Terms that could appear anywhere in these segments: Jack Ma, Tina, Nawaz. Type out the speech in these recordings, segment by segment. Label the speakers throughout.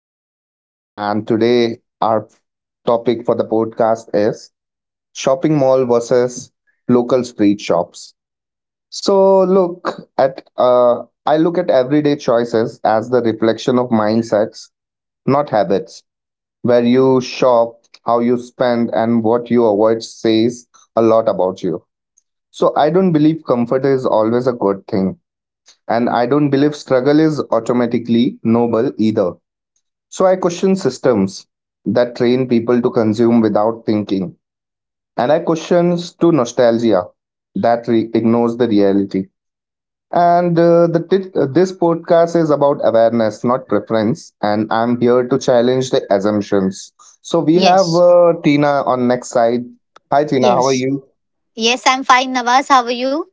Speaker 1: Name is Nawaz, and today our topic for the podcast is shopping mall versus local street shops. So, look at I look at everyday choices as the reflection of mindsets, not habits. Where you shop, how you spend, and what you avoid says a lot about you. So, I don't believe comfort is always a good thing, and I don't believe struggle is automatically noble either. So I question systems that train people to consume without thinking. And I question to nostalgia that ignores the reality. This podcast is about awareness, not preference. And I'm here to challenge the assumptions. So we have
Speaker 2: Yes,
Speaker 1: Tina on next side. Hi Tina, how are
Speaker 2: yes,
Speaker 1: you?
Speaker 2: yes. I'm fine, Nawaz. How are you?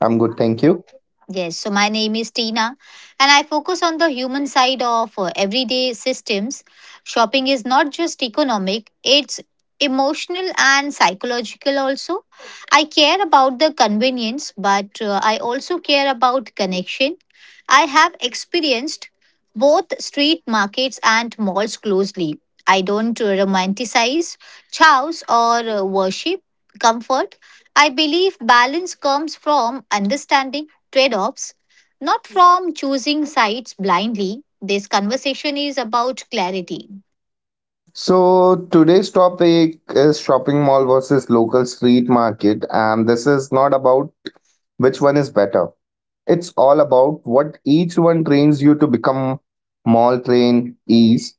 Speaker 1: I'm good, thank you.
Speaker 2: Yes, so my name is Tina, and I focus on the human side of everyday systems. Shopping is not just economic, it's emotional and psychological also. I care about the convenience, but I also care about connection. I have experienced both street markets and malls closely. I don't romanticize chows or worship comfort. I believe balance comes from understanding trade offs, not from choosing sides blindly. This conversation is about clarity.
Speaker 1: So today's topic is shopping mall versus local street market, and this is not about which one is better. It's all about what each one trains you to become. Mall train ease,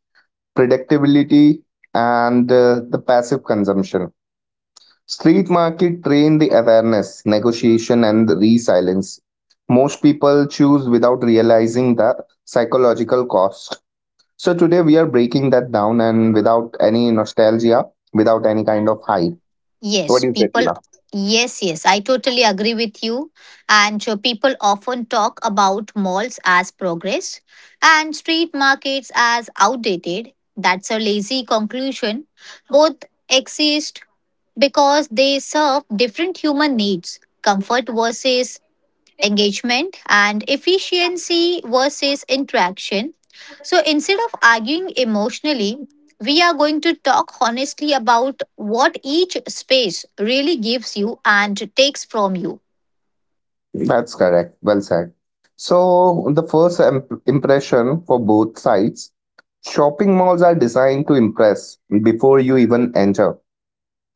Speaker 1: predictability, and the passive consumption. Street market train the awareness, negotiation, and resilience. Most people choose without realizing the psychological cost. So today we are breaking that down and without any nostalgia, without any kind of hype. What
Speaker 2: Yes,
Speaker 1: do you say,
Speaker 2: people.
Speaker 1: Tina?
Speaker 2: Yes, yes, I totally agree with you. And people often talk about malls as progress and street markets as outdated. That's a lazy conclusion. Both exist because they serve different human needs. Comfort versus engagement and efficiency versus interaction. So instead of arguing emotionally, we are going to talk honestly about what each space really gives you and takes from you.
Speaker 1: That's correct. Well said. So the first impression for both sides. Shopping malls are designed to impress before you even enter.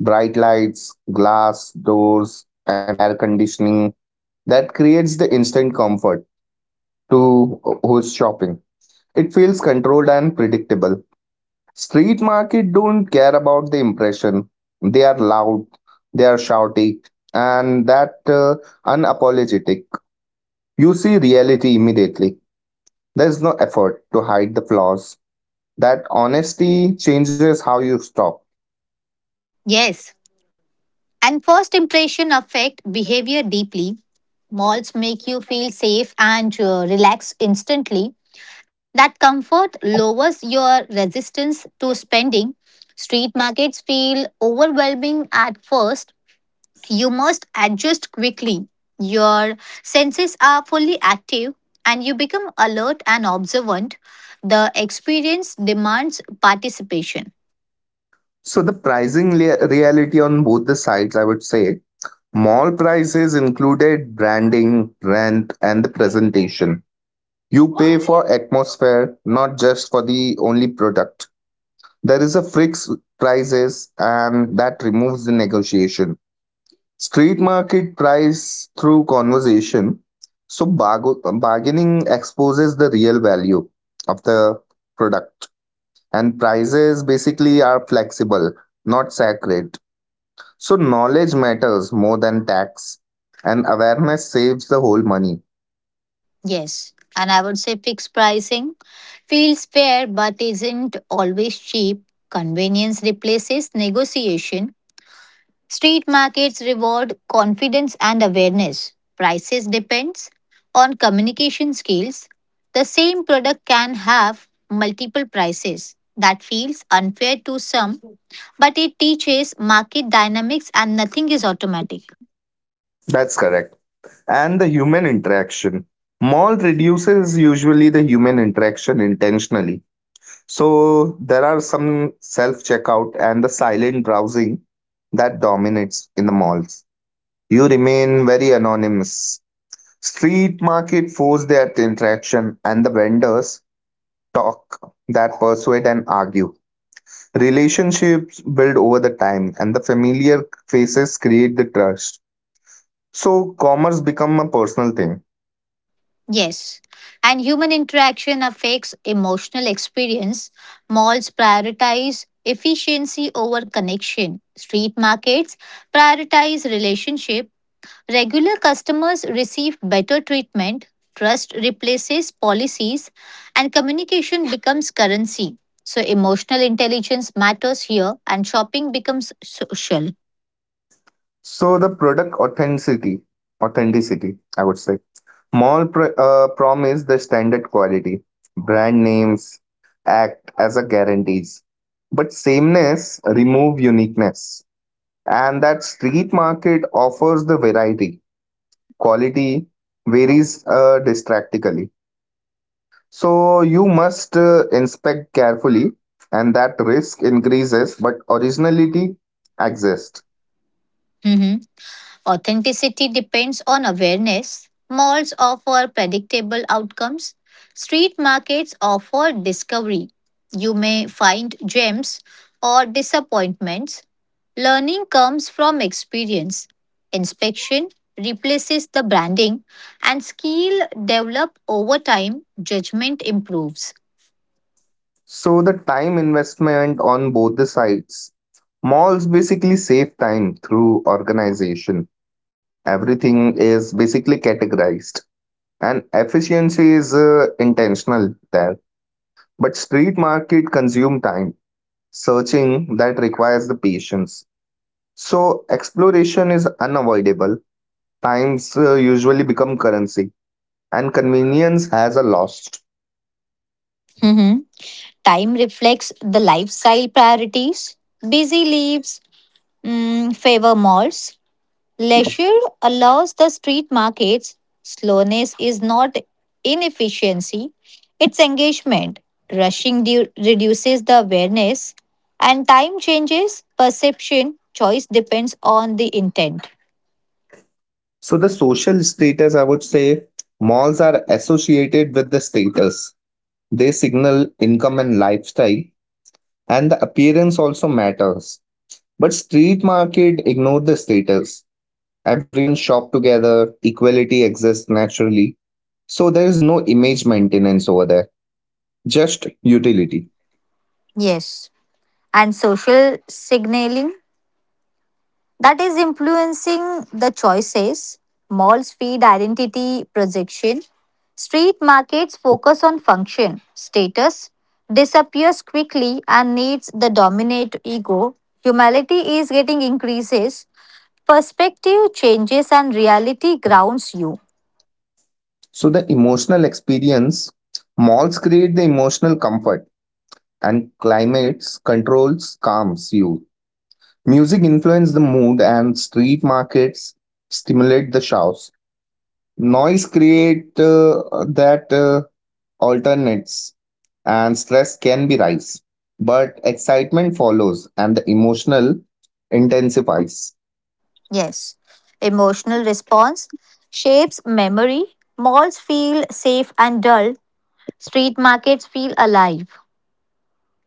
Speaker 1: Bright lights, glass doors, and air conditioning that creates the instant comfort to who's shopping. It feels controlled and predictable. Street market don't care about the impression. They are loud, they are shouty, and that unapologetic. You see reality immediately. There is no effort to hide the flaws. That honesty changes how you stop.
Speaker 2: Yes. And first impression affect behavior deeply. Malls make you feel safe and relaxed instantly. That comfort lowers your resistance to spending. Street markets feel overwhelming at first. You must adjust quickly. Your senses are fully active and you become alert and observant. The experience demands participation.
Speaker 1: So the pricing reality on both the sides, I would say, mall prices included branding, rent, and the presentation. You pay for atmosphere, not just for the only product. There is a fixed prices, and that removes the negotiation. Street market price through conversation. So bargaining exposes the real value of the product, and prices basically are flexible, not sacred, so knowledge matters more than tax, and awareness saves the whole money.
Speaker 2: Yes. And I would say fixed pricing feels fair but isn't always cheap. Convenience replaces negotiation. Street markets reward confidence and awareness. Prices depends on communication skills. The same product can have multiple prices. That feels unfair to some, but it teaches market dynamics and nothing is automatic.
Speaker 1: That's correct. And the human interaction. Mall reduces usually the human interaction intentionally. So there are some self checkout and the silent browsing that dominates in the malls. You remain very anonymous. Street market force that interaction and the vendors talk that persuade and argue. Relationships build over the time, and the familiar faces create the trust. So commerce become a personal thing.
Speaker 2: Yes, and human interaction affects emotional experience. Malls prioritize efficiency over connection. Street markets prioritize relationship. Regular customers receive better treatment, trust replaces policies, and communication becomes currency. So, emotional intelligence matters here, and shopping becomes social.
Speaker 1: So the product authenticity, Authenticity, I would say. Mall promise the standard quality. Brand names act as a guarantees, but sameness remove uniqueness. And that street market offers the variety. Quality varies distractically. So you must inspect carefully, and that risk increases, but originality exists.
Speaker 2: Mhm. Authenticity depends on awareness. Malls offer predictable outcomes. Street markets offer discovery. You may find gems or disappointments. Learning comes from experience. Inspection replaces the branding, and skill developed over time. Judgment improves.
Speaker 1: So the time investment on both the sides. Malls basically save time through organization. Everything is basically categorized, and efficiency is intentional there. But street market consume time. Searching that requires the patience. So exploration is unavoidable, times usually become currency and convenience has a lost.
Speaker 2: Mhm. Time reflects the lifestyle priorities. Busy leaves favor malls. Leisure allows the street markets. Slowness is not inefficiency, it's engagement. Reduces the awareness, and time changes perception. Choice depends on the intent.
Speaker 1: So the social status, I would say, malls are associated with the status. They signal income and lifestyle, and the appearance also matters. But street market ignore the status. Everyone shop together, equality exists naturally. So there is no image maintenance over there, just utility.
Speaker 2: Yes. And social signaling that is influencing the choices. Malls feed identity projection. Street markets focus on function, status, disappears quickly and needs the dominate ego. Humility is getting increases. Perspective changes and reality grounds you.
Speaker 1: So the emotional experience, malls create the emotional comfort and climates controls calms you. Music influences the mood and street markets stimulate the shouts. Noise create that alternates and stress can be rise. But excitement follows and the emotional intensifies.
Speaker 2: Yes. Emotional response shapes memory. Malls feel safe and dull. Street markets feel alive.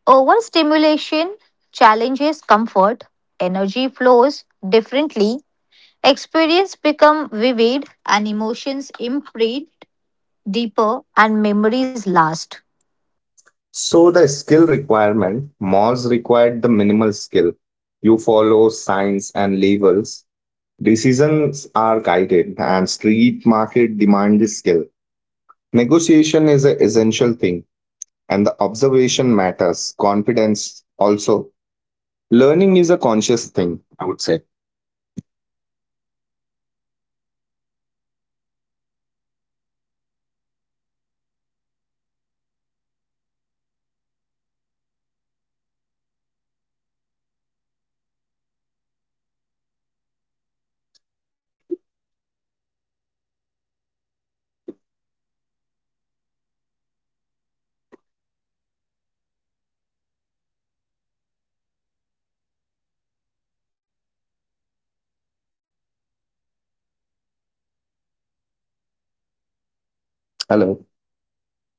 Speaker 2: Overstimulation challenges comfort, energy flows differently, experience become vivid and emotions imprint deeper and memories last.
Speaker 1: So the skill requirement, malls required the minimal skill. You follow signs and labels. Decisions are guided and street market demand is skill. Negotiation is an essential thing, and the observation matters. Confidence also. Learning is a conscious thing, I would say.
Speaker 2: Yes. Skill building changes the mindset. Street markets teach negotiation, malls teach consumption. One builds capability and the other builds convenience. Skill create independence and dependency reduces the awareness and growth differs. So what you will say for the local economy impact, I would say, Nawaz.
Speaker 1: Hello.
Speaker 2: And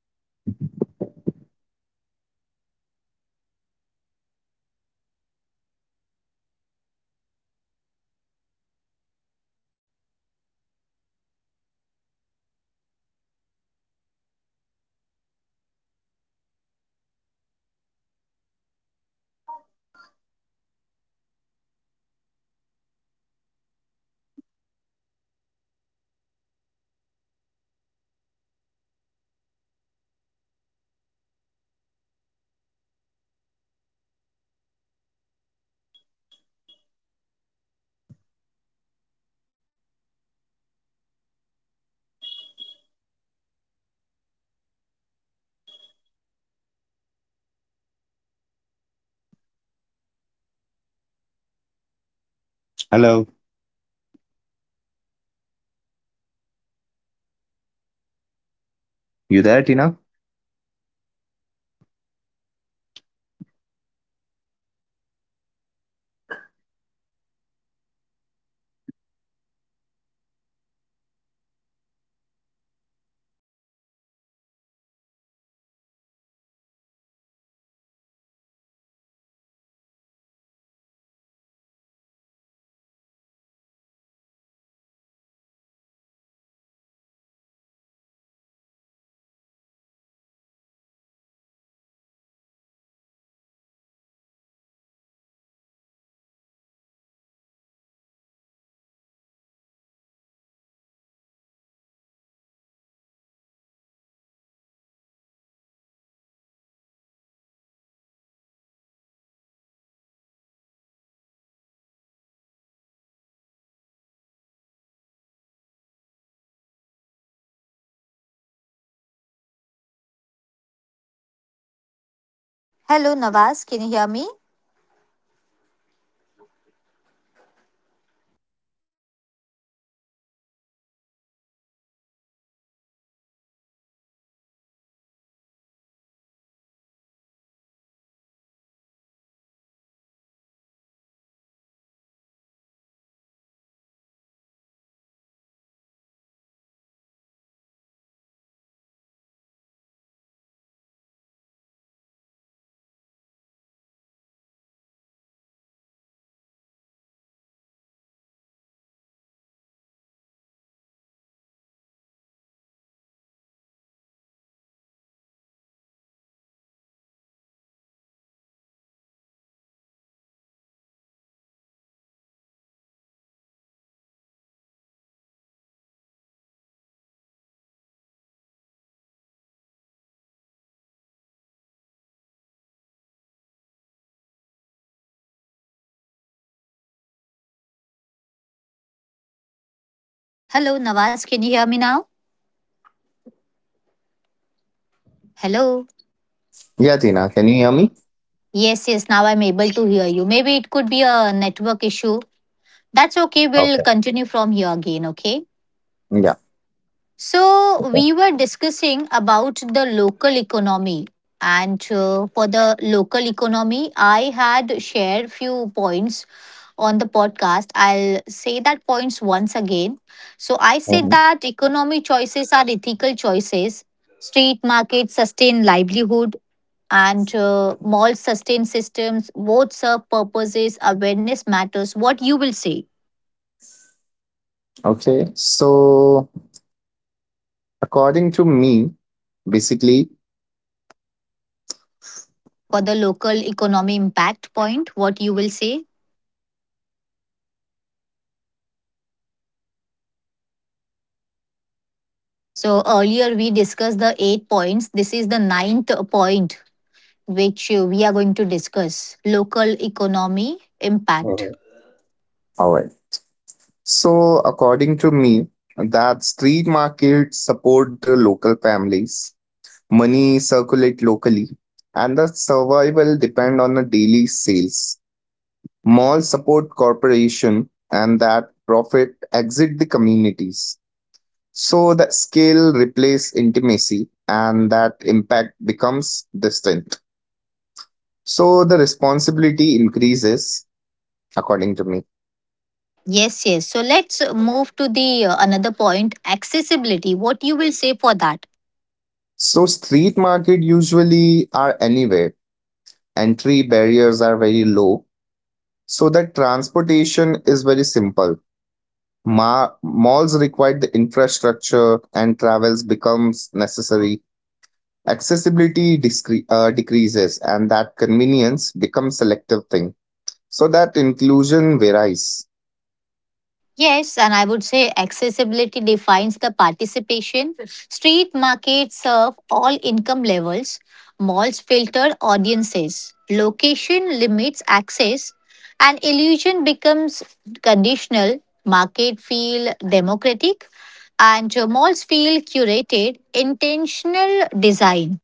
Speaker 2: yes, what you will say for the local economy impact for the local economy impact. I would say economy choices are ethical choices. Street markets sustain livelihood. Malls sustain systems. Both serve purposes and awareness matters. Conscious spending influences outcomes. Choice reflects the values always. So, what do you think about the local economy impact? Because the topic which we are discussing, it has a point, the main point to discuss about that. And the local economy, as I said,
Speaker 1: Hello.
Speaker 2: yes, so Nawaz, as I ask you that what you will say for the local
Speaker 1: You there,
Speaker 2: economy.
Speaker 1: Tina?
Speaker 2: Yes, yes, I'm there, can you hear me? Hello. Hello. Hello, can you hear me? Hello, can you hear me? Hello. Can you hear me? Hello. Hello Nawaz, can you hear me? Hello Nawaz, can you hear me now? Hello.
Speaker 1: Yeah, Tina, can you hear me?
Speaker 2: Yes, yes, now I'm able to hear you. Maybe it could be a network issue. That's okay. We'll
Speaker 1: Okay.
Speaker 2: continue from here again, okay?
Speaker 1: Yeah.
Speaker 2: So, we were discussing about the local economy. And for the local economy, I had shared few points on the podcast. I'll say that points once again. So, I said
Speaker 1: hmm
Speaker 2: that economy choices are ethical choices. Street markets sustain livelihood and mall sustain systems, both serve purposes, awareness matters. What you will say
Speaker 1: Okay. So, according to me, basically,
Speaker 2: for the local economy impact point, what you will say? So earlier we discussed the eight points, this is the ninth point which we are going to discuss, local economy impact.
Speaker 1: hmm all right. So, according to me, that street markets support the local families, money circulate locally, and the survival depend on the daily sales. Malls support corporation, and that profit exit the communities. So the scale replace intimacy, and that impact becomes distant. So the responsibility increases, according to me.
Speaker 2: Yes, yes, so let's move to the another point, accessibility. What you will say for that?
Speaker 1: So street market usually are anywhere. Entry barriers are very low. So that transportation is very simple. Malls require the infrastructure and travels becomes necessary. Accessibility decreases and that convenience becomes selective thing. So that inclusion varies.
Speaker 2: Yes, and I would say accessibility defines the participation. Street markets serve all income levels, malls filter audiences, location limits access, and illusion becomes conditional. Market feel democratic, and malls feel curated, intentional design.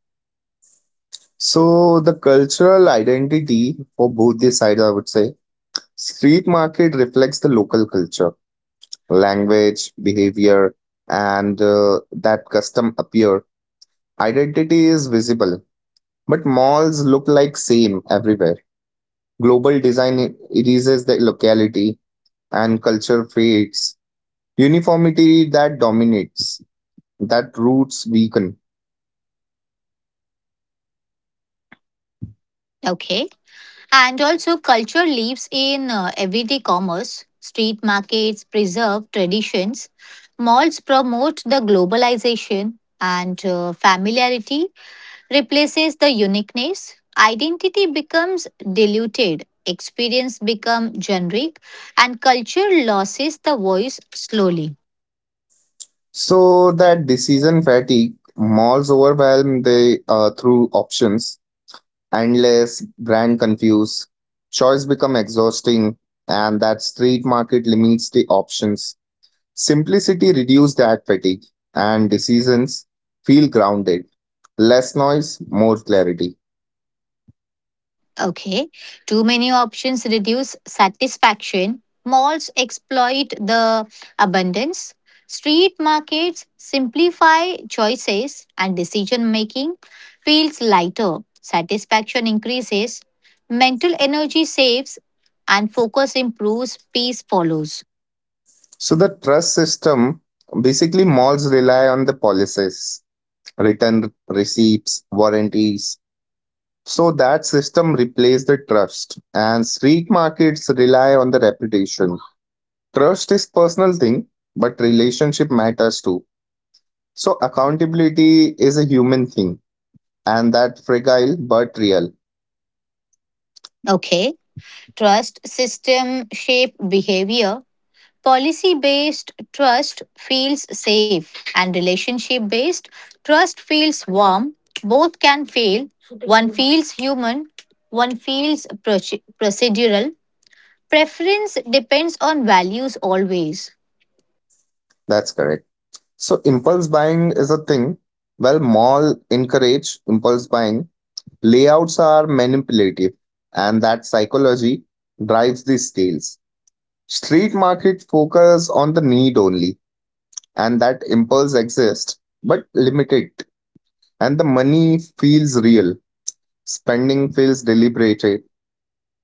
Speaker 1: So the cultural identity for both the sides, I would say, street market reflects the local culture, language, behavior, and that custom appear. Identity is visible, but malls look like same everywhere. Global design erases the locality and culture fades. Uniformity that dominates, that roots weaken.
Speaker 2: Okay. And also, culture lives in everyday commerce. Street markets preserve traditions. Malls promote the globalization, and familiarity replaces the uniqueness. Identity becomes diluted, experience become generic, and culture loses the voice slowly.
Speaker 1: So that decision fatigue, malls overwhelm the through options, endless brand confuse. Choice become exhausting and that street market limits the options. Simplicity reduce that fatigue and decisions feel grounded. Less noise, more clarity.
Speaker 2: Okay. Too many options reduce satisfaction. Malls exploit the abundance. Street markets simplify choices and decision making feels lighter. Satisfaction increases. Mental energy saves and focus improves. Peace follows.
Speaker 1: So the trust system, basically malls rely on the policies, return receipts, warranties. So that system replace the trust and street markets rely on the reputation. Trust is personal thing, but relationship matters too. So accountability is a human thing and that fragile but real.
Speaker 2: Okay. Trust system shape behavior. Policy based trust feels safe, and relationship based trust feels warm. Both can fail. One feels human, one feels procedural. Preference depends on values always.
Speaker 1: That's correct. So impulse buying is a thing. Well, mall encourage impulse buying. Layouts are manipulative and that psychology drives the scales. Street market focus on the need only and that impulse exists but limited and the money feels real. Spending feels deliberate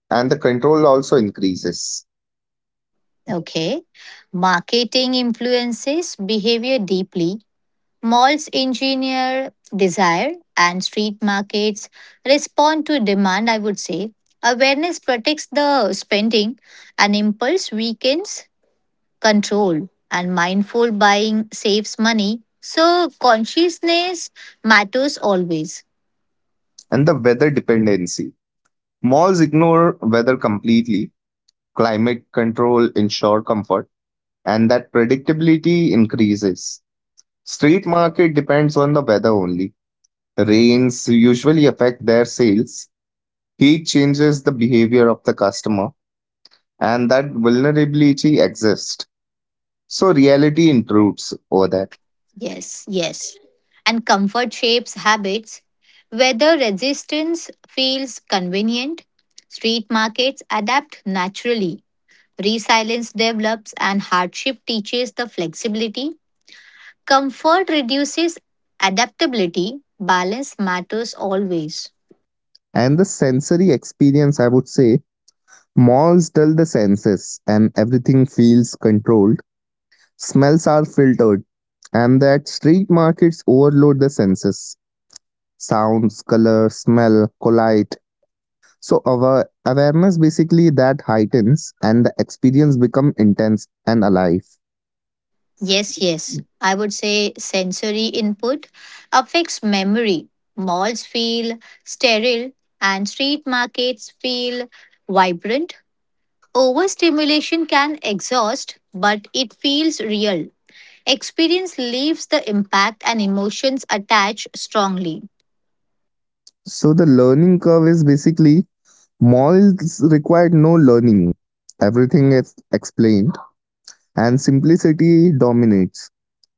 Speaker 1: and the control also increases.
Speaker 2: Okay. Marketing influences behavior deeply. Malls engineer desire and street markets respond to demand, I would say. Awareness protects the spending and impulse weakens control and mindful buying saves money. So consciousness matters always.
Speaker 1: And the weather dependency. Malls ignore weather completely, climate control ensure comfort, and that predictability increases. Street market depends on the weather only. Rains usually affect their sales, heat changes the behavior of the customer, and that vulnerability exists. So reality intrudes over that.
Speaker 2: Yes, yes. And comfort shapes habits. Whether resistance feels convenient, street markets adapt naturally. Resilience develops and hardship teaches the flexibility. Comfort reduces adaptability. Balance matters always.
Speaker 1: And the sensory experience, I would say, malls dull the senses and everything feels controlled. Smells are filtered, and that street markets overload the senses. Sounds, color, smell collide. So our awareness basically that heightens and the experience become intense and alive.
Speaker 2: Yes, yes. I would say sensory input affects memory. Malls feel sterile and street markets feel vibrant. Overstimulation can exhaust, but it feels real. Experience leaves the impact and emotions attach strongly.
Speaker 1: So the learning curve is basically malls required no learning. Everything is explained and simplicity dominates.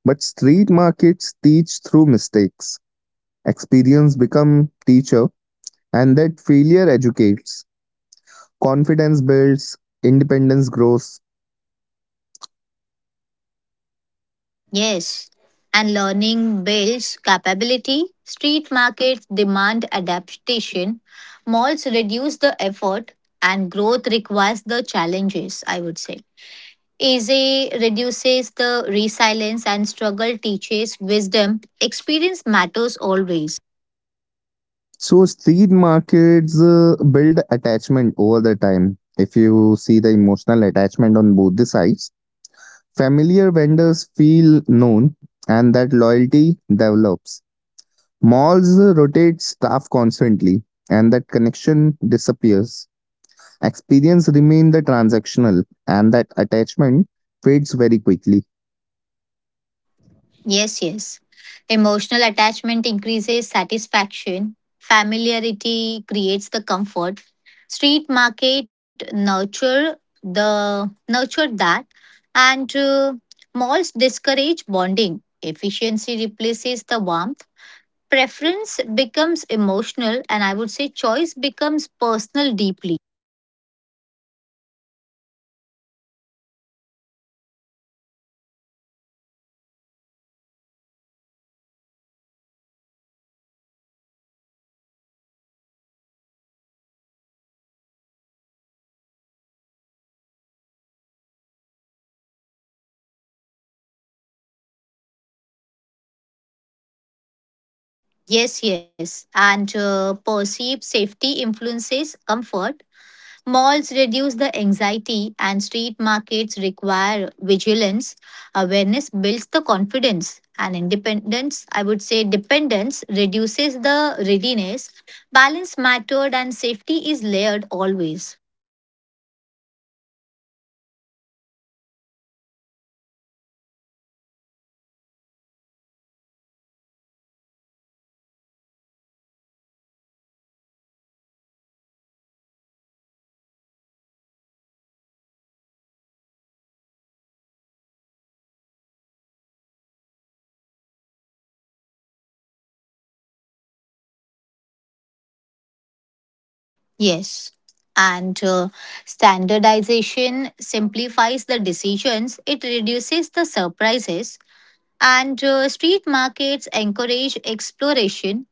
Speaker 1: But street markets teach through mistakes. Experience become teacher and that failure educates. Confidence builds, independence grows.
Speaker 2: Yes, and learning builds capability. Street markets demand adaptation. Malls reduce the effort, and growth requires the challenges, I would say. Easy reduces the resilience and struggle teaches wisdom. Experience matters always.
Speaker 1: So street markets build attachment over the time. If you see the emotional attachment on both the sides, familiar vendors feel known and that loyalty develops. Malls rotate staff constantly and that connection disappears. Experience remain the transactional and that attachment fades very quickly.
Speaker 2: Yes, yes. Emotional attachment increases satisfaction. Familiarity creates the comfort. Street market nurture the nurture that, and malls discourage bonding. Efficiency replaces the warmth. Preference becomes emotional, and I would say choice becomes personal deeply.
Speaker 1: And the security perception, I would say malls feel very secure. Guards and cameras reassure. Safety is visible, but street markets feel very risky. Shows create the fear. Awareness increases and the self reliance grows. Alertness also sharpens over there.
Speaker 2: Yes, yes, and perceived safety influences comfort. Malls reduce the anxiety, and street markets require vigilance. Awareness builds the confidence, and independence, I would say, dependence reduces the readiness. Balance mattered, and safety is layered always.
Speaker 1: So that standardization, malls thrive on standardization. Same stories everywhere. So that is a kind of predictive experience. And street markets reassess the standardization so that variability defines them and that uncertainty exists. Discovery increases, variety thrives.
Speaker 2: Yes. And standardization simplifies the decisions, it reduces the surprises. And street markets encourage exploration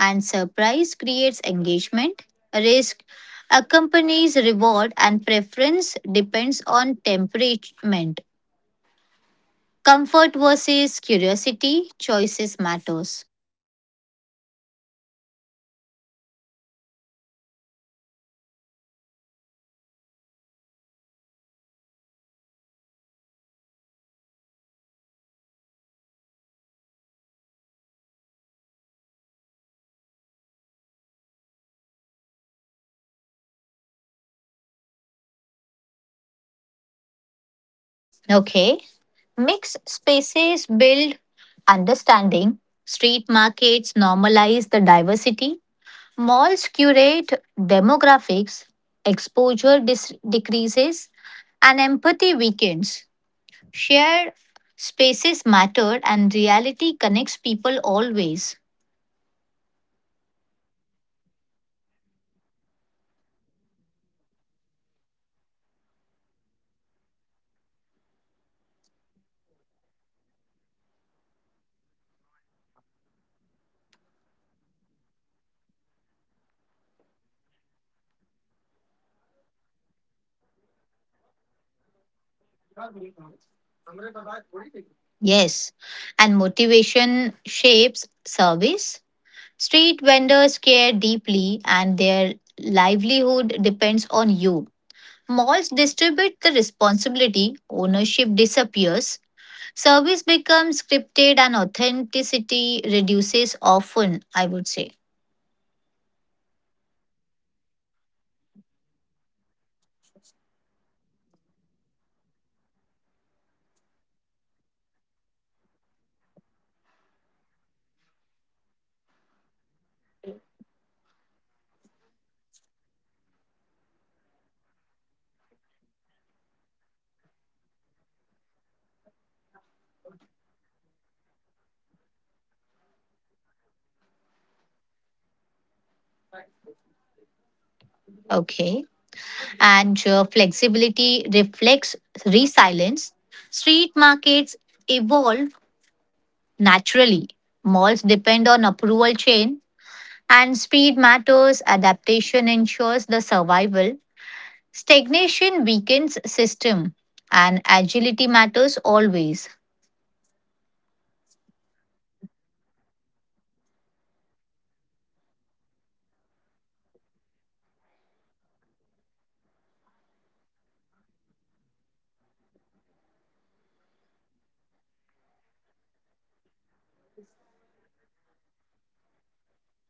Speaker 2: and surprise creates engagement. Risk accompanies reward, and preference depends on temperament. Comfort versus curiosity, choices matters.
Speaker 1: So that economic class mixing, street market mix economic classes naturally. Everyone shop together, no separation, but malls segregate subtly, price filters audiences, and that space feels selective only. Inclusion reduces, and that distance only grows.
Speaker 2: Okay, mixed spaces build understanding. Street markets normalize the diversity. Malls curate demographics. Decreases and empathy weakens. Shared spaces matter and reality connects people always.
Speaker 1: So, the vendor motivation, I would say, street vendors depend on daily sales. Survival drive the effort. Hustle is basically visible to all. Mall employees follow the system, so that motivation feels distant. Ownership also differs, urgency varies and that energy always shifts.
Speaker 2: Yes. And motivation shapes service. Street vendors care deeply and their livelihood depends on you. Malls distribute the responsibility, ownership disappears, service becomes scripted, and authenticity reduces often, I would say.
Speaker 1: So on both the side there is a flexibility. Street market adapts very instantly. Prices change quickly, supply adjusts, but malls move slowly. There is a flexibility, but mall adapted very slowly. System delay in a change, and that rigidity increases. That flexibility disappears, and it will control the dominates.
Speaker 2: Okay. And flexibility reflects resilience. Street markets evolve naturally. Malls depend on approval chain and speed matters. Adaptation ensures the survival. Stagnation weakens system and agility matters always.
Speaker 1: Waste and the sustainability. Malls generate packaging waste, plastic dominates, access increases, but street market minimize the packaging. Simplicity usually reduce the waste, sustainability improves and the awareness grows.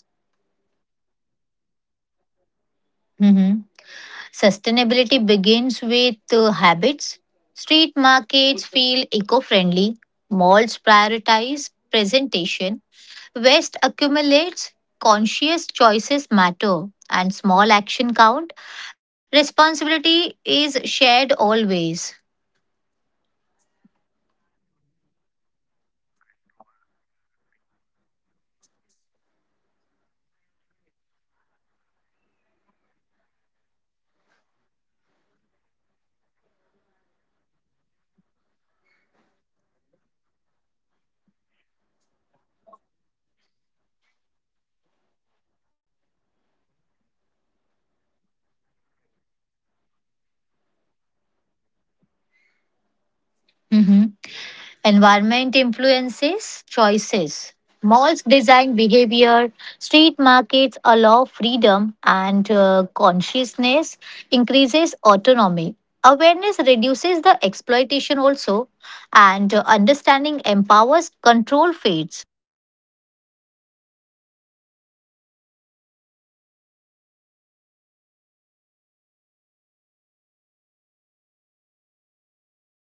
Speaker 1: Responsibility also increases.
Speaker 2: Mhm. Sustainability begins with habits. Street markets feel eco-friendly. Malls prioritize presentation. Waste accumulates, conscious choices matter, and small action count. Responsibility is shared always.
Speaker 1: So how the psychological control in the street market or the mall? Mall usually manipulate the psychology. Lightning and layout guide the customer's behavior. So control is subtle and street market lack manipulation, so that shows prevent the control and decision is feel free. Awareness also increases autonomy, got strengthens.
Speaker 2: Mhm. Environment influences choices. Malls design behavior, street markets allow freedom, and consciousness increases autonomy. Awareness reduces the exploitation also, and understanding empowers, control fades.
Speaker 1: Okay. And comfort versus engagement, mall prioritize the comfort, effort reduces,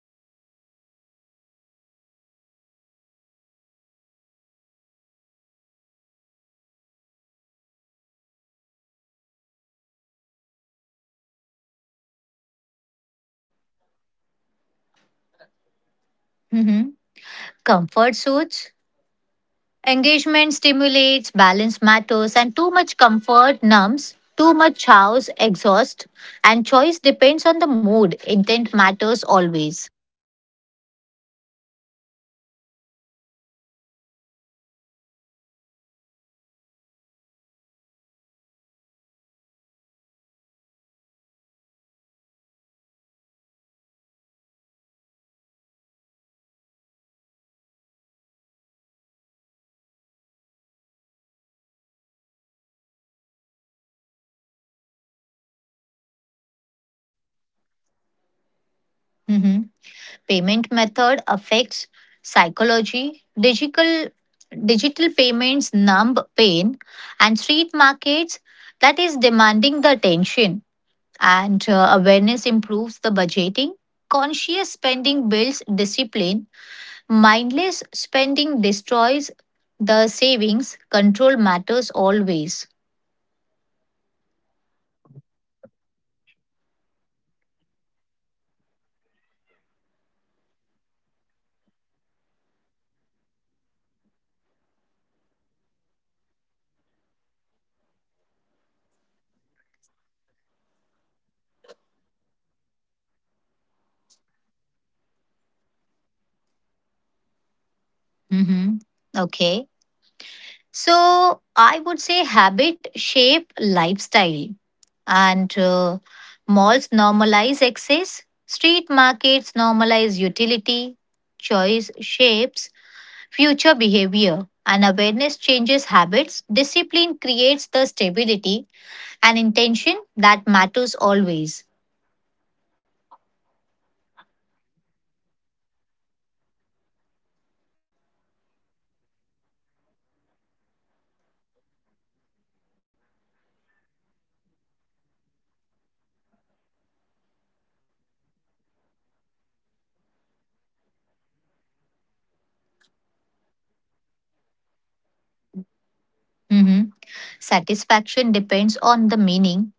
Speaker 1: engagement that decreases and street market demand the engagement, effort increases, participation deepens, experience intensifies, and that involvement that grows.
Speaker 2: Mhm. Comfort suits. Engagement stimulates, balance matters, and too much comfort numbs, too much house exhaust, and choice depends on the mood. Intent matters always.
Speaker 1: So the financial awareness, street markets make money feel real. Cash exchange, highlight value, spending feels deliberate, and malls that digitize their spending and detachment also increases. Overspending becomes easier and that awareness reduced. Control over weakens.
Speaker 2: Mhm. Payment method affects psychology. Digital payments numb pain, and street markets that is demanding the attention. And awareness improves the budgeting. Conscious spending builds discipline. Mindless spending destroys the savings. Control matters always.
Speaker 1: So that habit formation, malls usually encourage the consumption habit, routine spending increases, and the desire also escalates. Street market encourage need-based buying. Habit remains grounded and the excess reduces. Control improves, awareness grows.
Speaker 2: Mm-hmm. Okay. So I would say habit shape lifestyle and malls normalize excess, street markets normalize utility, choice shapes future behavior. And awareness changes habits, discipline creates the stability and intention that matters always.
Speaker 1: Malls usually provide the temporary satisfaction, so the novelty fades quickly and the desire renews. Street market basically they provide lasting satisfaction. Relationships anchor the memory and that experience feels earned. That fulfillment deepens slowly.
Speaker 2: Satisfaction depends on the meaning.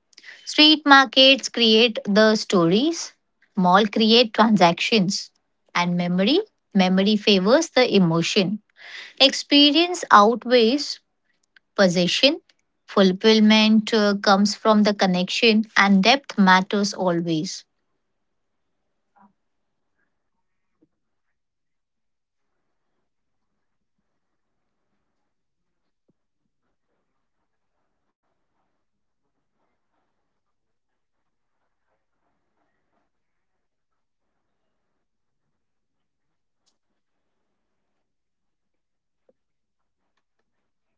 Speaker 2: Street markets create the stories, mall create transactions, and memory favors the emotion. Experience outweighs possession. Fulfillment comes from the connection and depth matters always.
Speaker 1: So, the reality on both the sides is malls and street markets serve different needs. Neither is superior. Awareness defines the values. Convenience has a cost, and that engagement has effort. Choice basically they reflect the mindset, and that consciousness changes experience.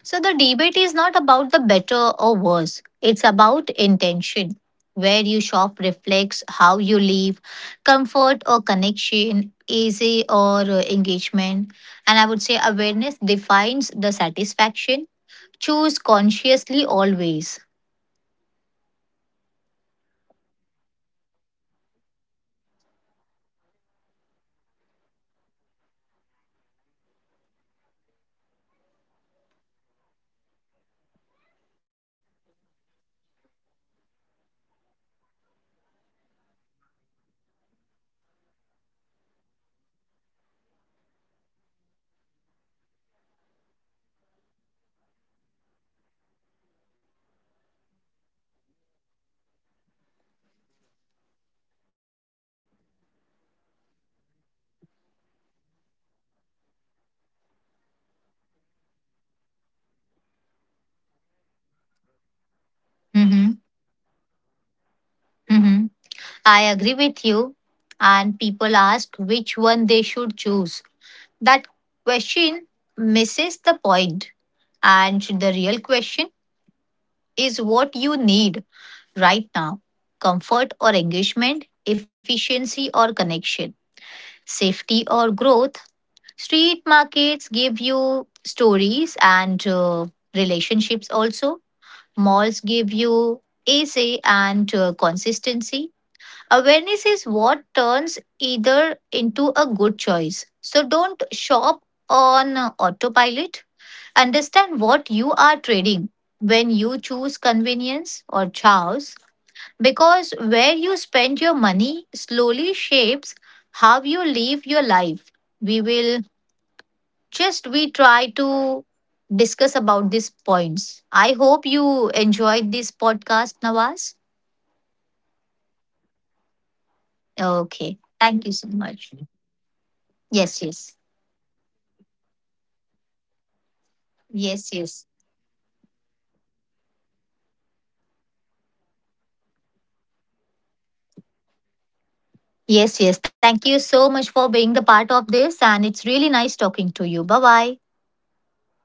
Speaker 2: So the debate is not about the better or worse. It's about intention. Where you shop reflects how you live, comfort or connection, easy or engagement. And I would say awareness defines the satisfaction. Choose consciously always.
Speaker 1: So, according to me, by now, it should be clear that this debate was never about bindings, buildings, or locations. It's about what kind of behavior each space trains you. Malls make life smoother, easier, and more predictable. Street market makes you alert, involved, and responsible for your choices. So, usually, one reduces the friction, the other builds tolerance for it. Neither is wrong, but both shape you in different ways. If you don't notice that influence, you're being shaped unconsciously, and that's the real
Speaker 2: Hmm.
Speaker 1: risk.
Speaker 2: Hmm. I agree with you. And people ask which one they should choose. That question misses the point. And the real question is what you need right now, comfort or engagement, efficiency or connection, safety or growth. Street markets give you stories and relationships also. Malls give you easy and consistency. Awareness is what turns either into a good choice. So don't shop on autopilot. Understand what you are trading when you choose convenience or chows, because where you spend your money slowly shapes how you live your life. We will just we try to discuss about these points. I hope you enjoyed this podcast, Nawaz.
Speaker 1: That's correct. And
Speaker 2: Okay. Thank you so
Speaker 1: also,
Speaker 2: much.
Speaker 1: yeah, thank you
Speaker 2: Yes,
Speaker 1: so
Speaker 2: yes.
Speaker 1: much, Tina, for inviting me on this podcast. So that's all I
Speaker 2: Yes,
Speaker 1: wanted
Speaker 2: yes.
Speaker 1: to share about the street local markets versus shopping malls. Yeah,
Speaker 2: Yes, yes. Thank you so much for being the part of this and it's really nice talking to you. Bye-bye.
Speaker 1: bye bye, Tina.